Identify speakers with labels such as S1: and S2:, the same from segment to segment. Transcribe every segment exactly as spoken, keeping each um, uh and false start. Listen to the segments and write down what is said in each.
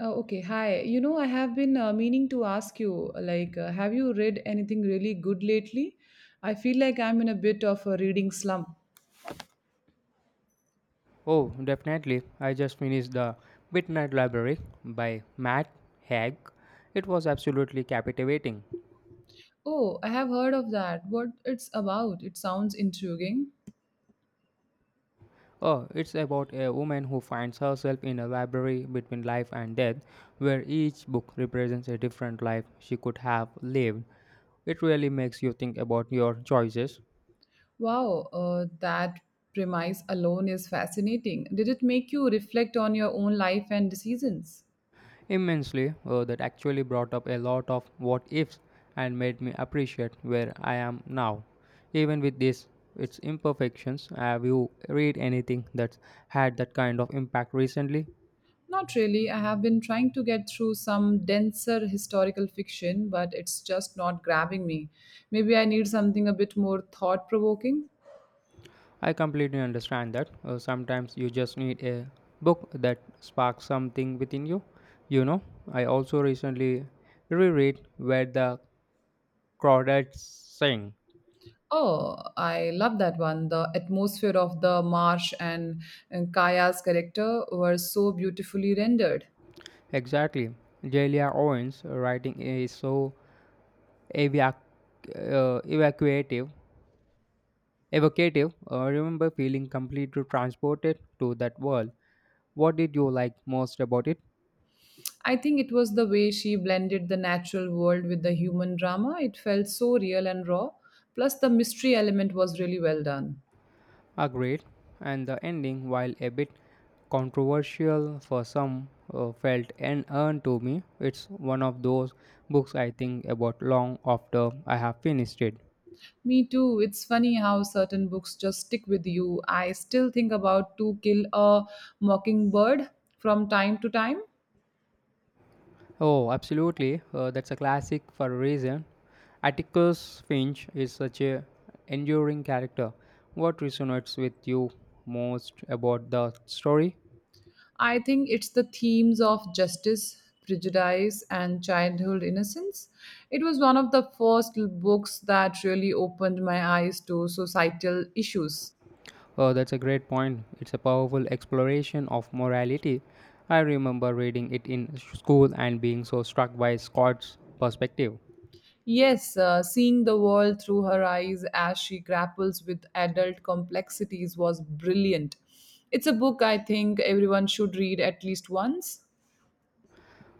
S1: Uh, okay, hi. You know, I have been uh, meaning to ask you, like, uh, have you read anything really good lately? I feel like I'm in a bit of a reading slump.
S2: Oh, definitely. I just finished The Midnight Library by Matt Haig. It was absolutely captivating.
S1: Oh, I have heard of that. What it's about? It sounds intriguing.
S2: Oh, it's about a woman who finds herself in a library between life and death, where each book represents a different life she could have lived. It really makes you think about your choices
S1: Wow, uh, that premise alone is fascinating. Did it make you reflect on your own life and decisions?
S2: Immensely, uh, That actually brought up a lot of what ifs and made me appreciate where I am now. Even with this, its imperfections, have you read anything that's had that kind of impact recently?
S1: Not really. I have been trying to get through some denser historical fiction, but it's just not grabbing me. Maybe I need something a bit more thought provoking.
S2: I completely understand that. Uh, sometimes you just need a book that sparks something within you. You know, I also recently reread Where the Crawdads Sing.
S1: Oh, I love that one. The atmosphere of the marsh and, and Kaya's character were so beautifully rendered.
S2: Exactly. Delia Owens' writing is so evac- uh, evacuative, evocative. I remember feeling completely transported to that world. What did you like most about it?
S1: I think it was the way she blended the natural world with the human drama. It felt so real and raw. Plus, the mystery element was really well done.
S2: Agreed. And the ending, while a bit controversial for some, uh, felt unearned to me. It's one of those books I think about long after I have finished it.
S1: Me too. It's funny how certain books just stick with you. I still think about To Kill a Mockingbird from time to time.
S2: Oh, absolutely. Uh, that's a classic for a reason. Atticus Finch is such a enduring character. What resonates with you most about the story?
S1: I think it's the themes of justice, prejudice, and childhood innocence. It was one of the first l- books that really opened my eyes to societal issues.
S2: Oh, that's a great point. It's a powerful exploration of morality. I remember reading it in school and being so struck by Scott's perspective.
S1: Yes, uh, seeing the world through her eyes as she grapples with adult complexities was brilliant. It's a book I think everyone should read at least once.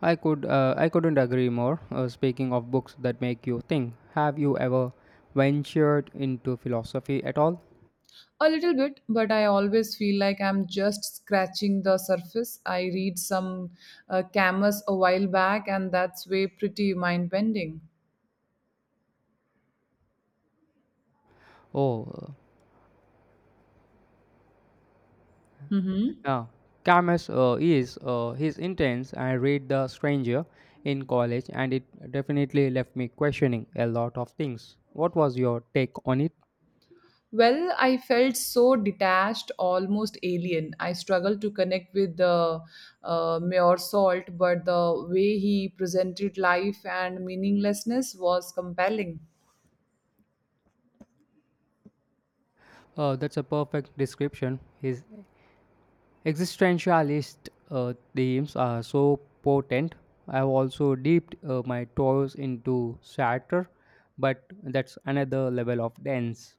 S2: I could uh, I couldn't agree more. Uh, speaking of books that make you think, have you ever ventured into philosophy at all?
S1: A little bit, but I always feel like I'm just scratching the surface. I read some uh, Camus a while back, and that's way pretty mind bending.
S2: Oh, uh,
S1: Mm-hmm.
S2: Yeah, Camus uh, is uh, his intense. I read The Stranger in college, and it definitely left me questioning a lot of things. What was your take on it?
S1: Well, I felt so detached, almost alien. I struggled to connect with the uh, Mayor Salt, but the way he presented life and meaninglessness was compelling.
S2: Uh, that's a perfect description. His existentialist uh, themes are so potent. I've also dipped uh, my toes into Sartre, but that's another level of dense.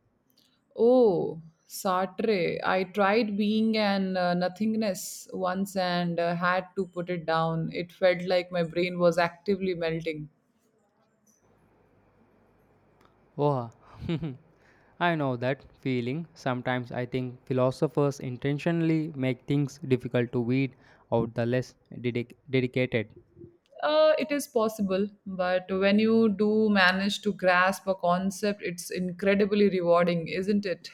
S1: Oh, Sartre. I tried being an uh, nothingness once and uh, had to put it down. It felt like my brain was actively melting.
S2: Oh, I know that feeling. Sometimes I think philosophers intentionally make things difficult to weed out the less dedic- dedicated.
S1: Uh, it is possible, but when you do manage to grasp a concept, it's incredibly rewarding, isn't it?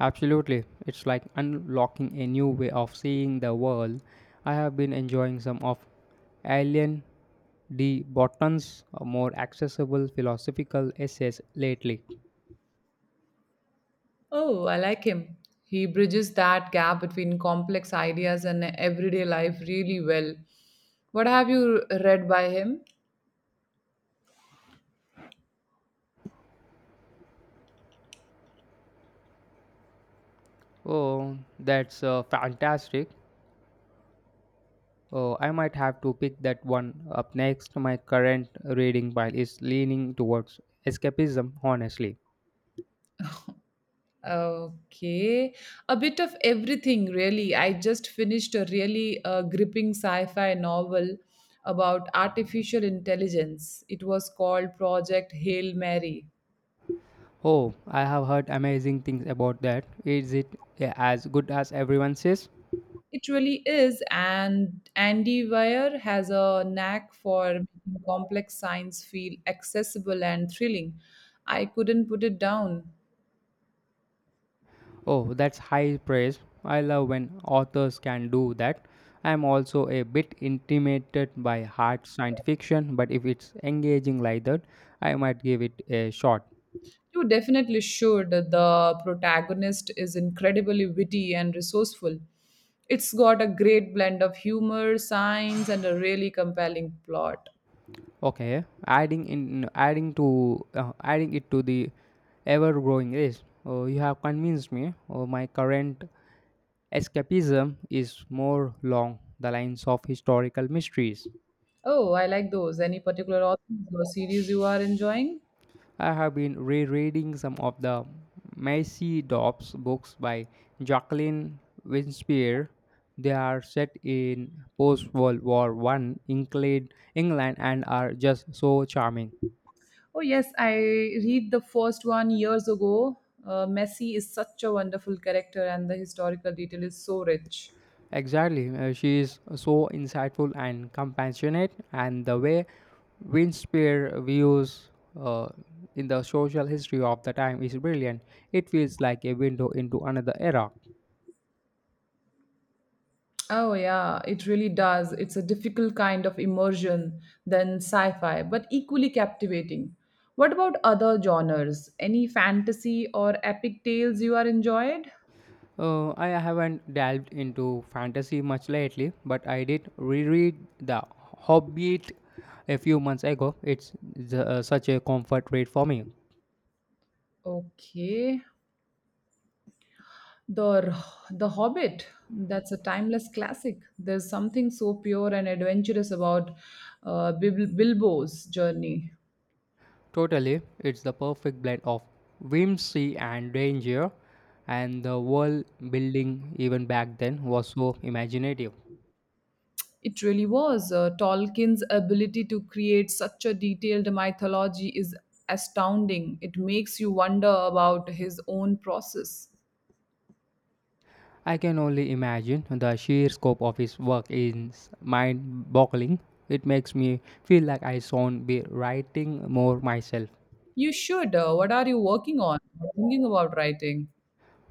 S2: Absolutely. It's like unlocking a new way of seeing the world. I have been enjoying some of Alien D. Botton's more accessible philosophical essays lately.
S1: Oh, I like him. He bridges that gap between complex ideas and everyday life really well. What have you read by him?
S2: Oh, that's uh, fantastic. Oh, I might have to pick that one up next. My current reading pile is leaning towards escapism, honestly.
S1: Okay. A bit of everything, really. I just finished a really uh, gripping sci fi novel about artificial intelligence. It was called Project Hail Mary.
S2: Oh, I have heard amazing things about that. Is it uh, as good as everyone says?
S1: It really is, and Andy Weir has a knack for making complex science feel accessible and thrilling. I couldn't put it down.
S2: Oh, that's high praise. I love when authors can do that. I'm also a bit intimidated by hard science fiction, but if it's engaging like that, I might give it a shot.
S1: You definitely should. The protagonist is incredibly witty and resourceful. It's got a great blend of humor, science, and a really compelling plot.
S2: Okay, adding in adding to uh, adding it to the ever growing list. Oh, you have convinced me. Oh, my current escapism is more along the lines of historical mysteries.
S1: Oh, I like those. Any particular authors or series you are enjoying?
S2: I have been rereading some of the Macy Dobbs books by Jacqueline Winspear. They are set in post World War One England, England and are just so charming.
S1: Oh, yes, I read the first one years ago. Uh, Messi is such a wonderful character, and the historical detail is so rich.
S2: Exactly. Uh, she is so insightful and compassionate, and the way Windspear views uh, in the social history of the time is brilliant. It feels like a window into another era.
S1: Oh, yeah, it really does. It's a difficult kind of immersion than sci fi, but equally captivating. What about other genres? Any fantasy or epic tales you are enjoyed?
S2: Uh, I haven't delved into fantasy much lately, but I did reread The Hobbit a few months ago. It's the, uh, such a comfort read for me.
S1: Okay. The, the Hobbit, that's a timeless classic. There's something so pure and adventurous about uh, Bil- Bilbo's journey.
S2: Totally, it's the perfect blend of whimsy and danger, and the world building, even back then, was so imaginative.
S1: It really was. Uh, Tolkien's ability to create such a detailed mythology is astounding. It makes you wonder about his own process.
S2: I can only imagine the sheer scope of his work is mind boggling. It makes me feel like I should be writing more myself.
S1: You should. Uh, what are you working on? Thinking about writing?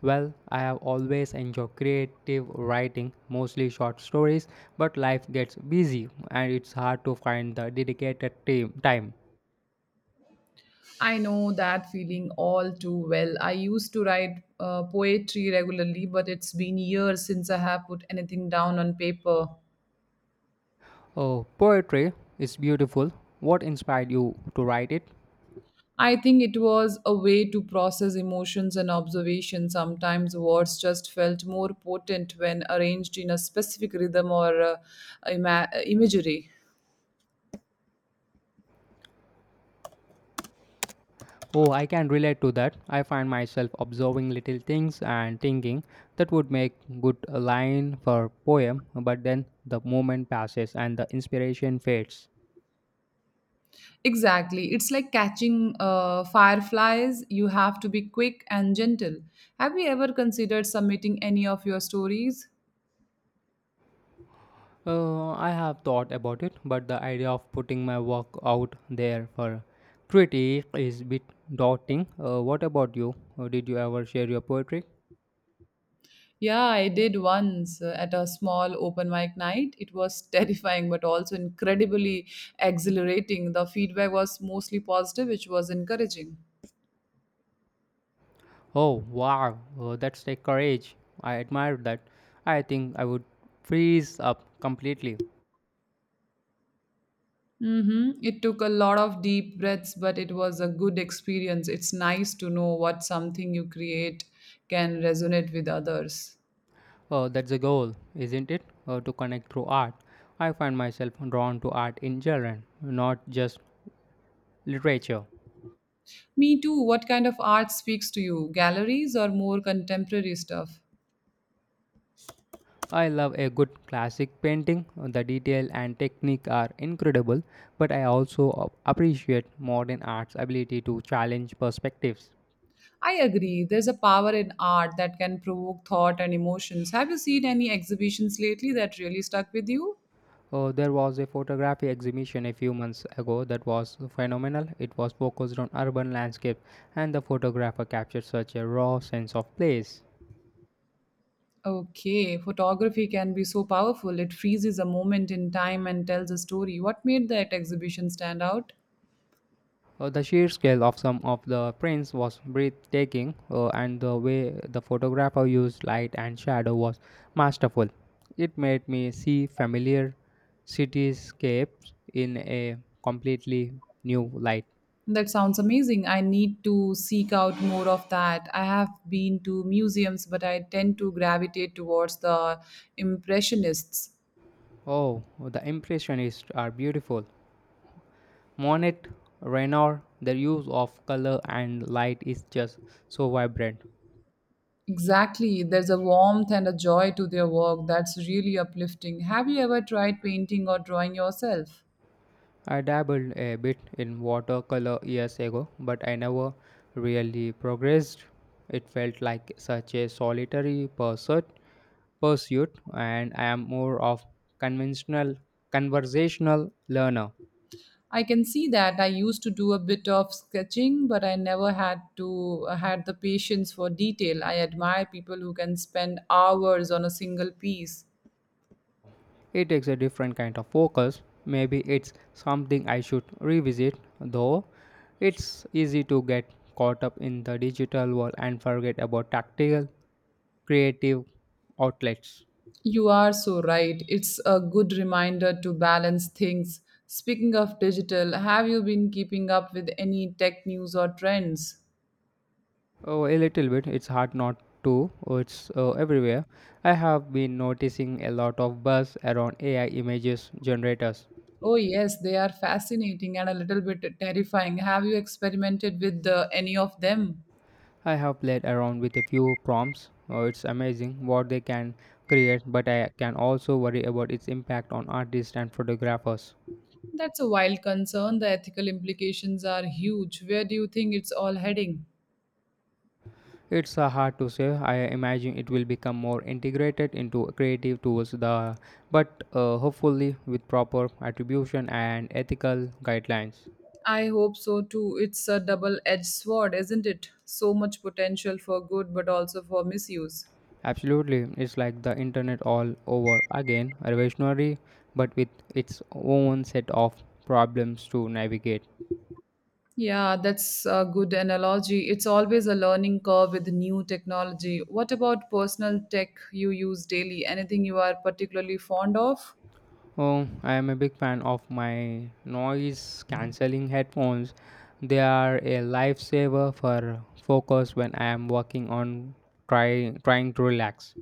S2: Well, I have always enjoyed creative writing, mostly short stories, but life gets busy and it's hard to find the dedicated time. time.
S1: I know that feeling all too well. I used to write uh, poetry regularly, but it's been years since I have put anything down on paper.
S2: Oh, poetry is beautiful. What inspired you to write it?
S1: I think it was a way to process emotions and observation. Sometimes words just felt more potent when arranged in a specific rhythm or uh, ima- imagery.
S2: Oh, I can relate to that. I find myself observing little things and thinking that would make good a line for poem, but then the moment passes and the inspiration fades.
S1: Exactly. It's like catching uh, fireflies. You have to be quick and gentle. Have you ever considered submitting any of your stories?
S2: Uh, I have thought about it, but the idea of putting my work out there for critique is a bit daunting. Uh, what about you? Uh, Did you ever share your poetry?
S1: Yeah, I did once uh, at a small open mic night. It was terrifying but also incredibly exhilarating. The feedback was mostly positive, which was encouraging.
S2: Oh, wow, oh, that's a courage. I admire that. I think I would freeze up completely.
S1: Mm-hmm. It took a lot of deep breaths, but it was a good experience. It's nice to know what something you create can resonate with others.
S2: Oh, that's the goal, isn't it? Oh, to connect through art. I find myself drawn to art in general, not just literature.
S1: Me too. What kind of art speaks to you? Galleries or more contemporary stuff?
S2: I love a good classic painting. Uh, The detail and technique are incredible, but I also a- appreciate modern art's ability to challenge perspectives.
S1: I agree. There's a power in art that can provoke thought and emotions. Have you seen any exhibitions lately that really stuck with you?
S2: Oh, there was a photography exhibition a few months ago that was phenomenal. It was focused on urban landscape, and the photographer captured such a raw sense of place.
S1: Okay, photography can be so powerful. It freezes a moment in time and tells a story. What made that exhibition stand out?
S2: Oh, the sheer scale of some of the prints was breathtaking, oh, and the way the photographer used light and shadow was masterful. It made me see familiar cityscapes in a completely new light.
S1: That sounds amazing. I need to seek out more of that. I have been to museums, but I tend to gravitate towards the Impressionists.
S2: Oh, the impressionists are beautiful. Monet Renoir, the use of color and light is just so vibrant.
S1: Exactly. There's a warmth and a joy to their work that's really uplifting. Have you ever tried painting or drawing yourself?
S2: I dabbled a bit in watercolor years ago, but I never really progressed. It felt like such a solitary pursuit, pursuit and I am more of conventional conversational learner.
S1: I can see that I used to do a bit of sketching, but I never had to uh, had the patience for detail. I admire people who can spend hours on a single piece.
S2: It takes a different kind of focus. Maybe it's something I should revisit, though it's easy to get caught up in the digital world and forget about tactical, creative outlets.
S1: You are so right. It's a good reminder to balance things. Speaking of digital, have you been keeping up with any tech news or trends?
S2: Oh, a little bit. It's hard not to. Oh, It's uh, everywhere. I have been noticing a lot of buzz around A I images generators.
S1: Oh, yes, they are fascinating and a little bit terrifying. Have you experimented with uh, any of them?
S2: I have played around with a few prompts. Oh, it's amazing what they can create, but I can also worry about its impact on artists and photographers.
S1: That's a wild concern. The ethical implications are huge. Where do you think it's all heading?
S2: It's uh, hard to say. I imagine it will become more integrated into creative tools, the but uh, hopefully with proper attribution and ethical guidelines.
S1: I hope so too. It's a double edged sword, isn't it? So much potential for good, but also for misuse.
S2: Absolutely, it's like the internet all over again, revolutionary, but with its own set of problems to navigate.
S1: Yeah, that's a good analogy. It's always a learning curve with new technology. What about personal tech you use daily? Anything you are particularly fond of?
S2: Oh, I am a big fan of my noise cancelling headphones. They are a lifesaver for focus when I am working on try, trying to relax.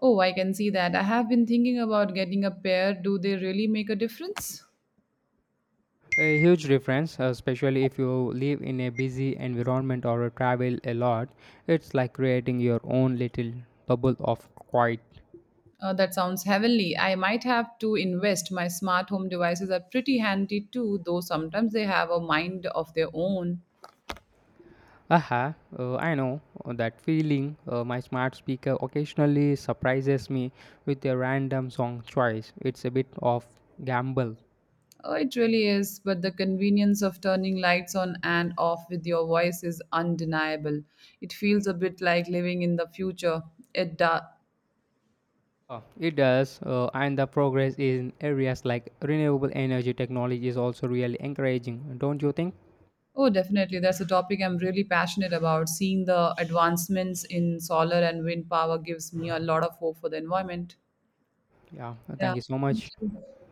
S1: Oh, I can see that. I have been thinking about getting a pair. Do they really make a difference?
S2: A huge difference, uh, especially if you live in a busy environment or travel a lot. It's like creating your own little bubble of quiet.
S1: Uh, that sounds heavenly. I might have to invest. My smart home devices are pretty handy too, though sometimes they have a mind of their own.
S2: Aha, uh, I know uh, that feeling. Uh, my smart speaker occasionally surprises me with a random song choice. It's a bit of gamble.
S1: Oh, it really is, but the convenience of turning lights on and off with your voice is undeniable. It feels a bit like living in the future. It does.
S2: Uh, It does, uh, and the progress in areas like renewable energy technology is also really encouraging, don't you think?
S1: Oh, definitely. That's a topic I'm really passionate about. Seeing the advancements in solar and wind power gives me a lot of hope for the environment.
S2: Yeah,
S1: Yeah.
S2: thank you so
S1: Thank
S2: much.
S1: you.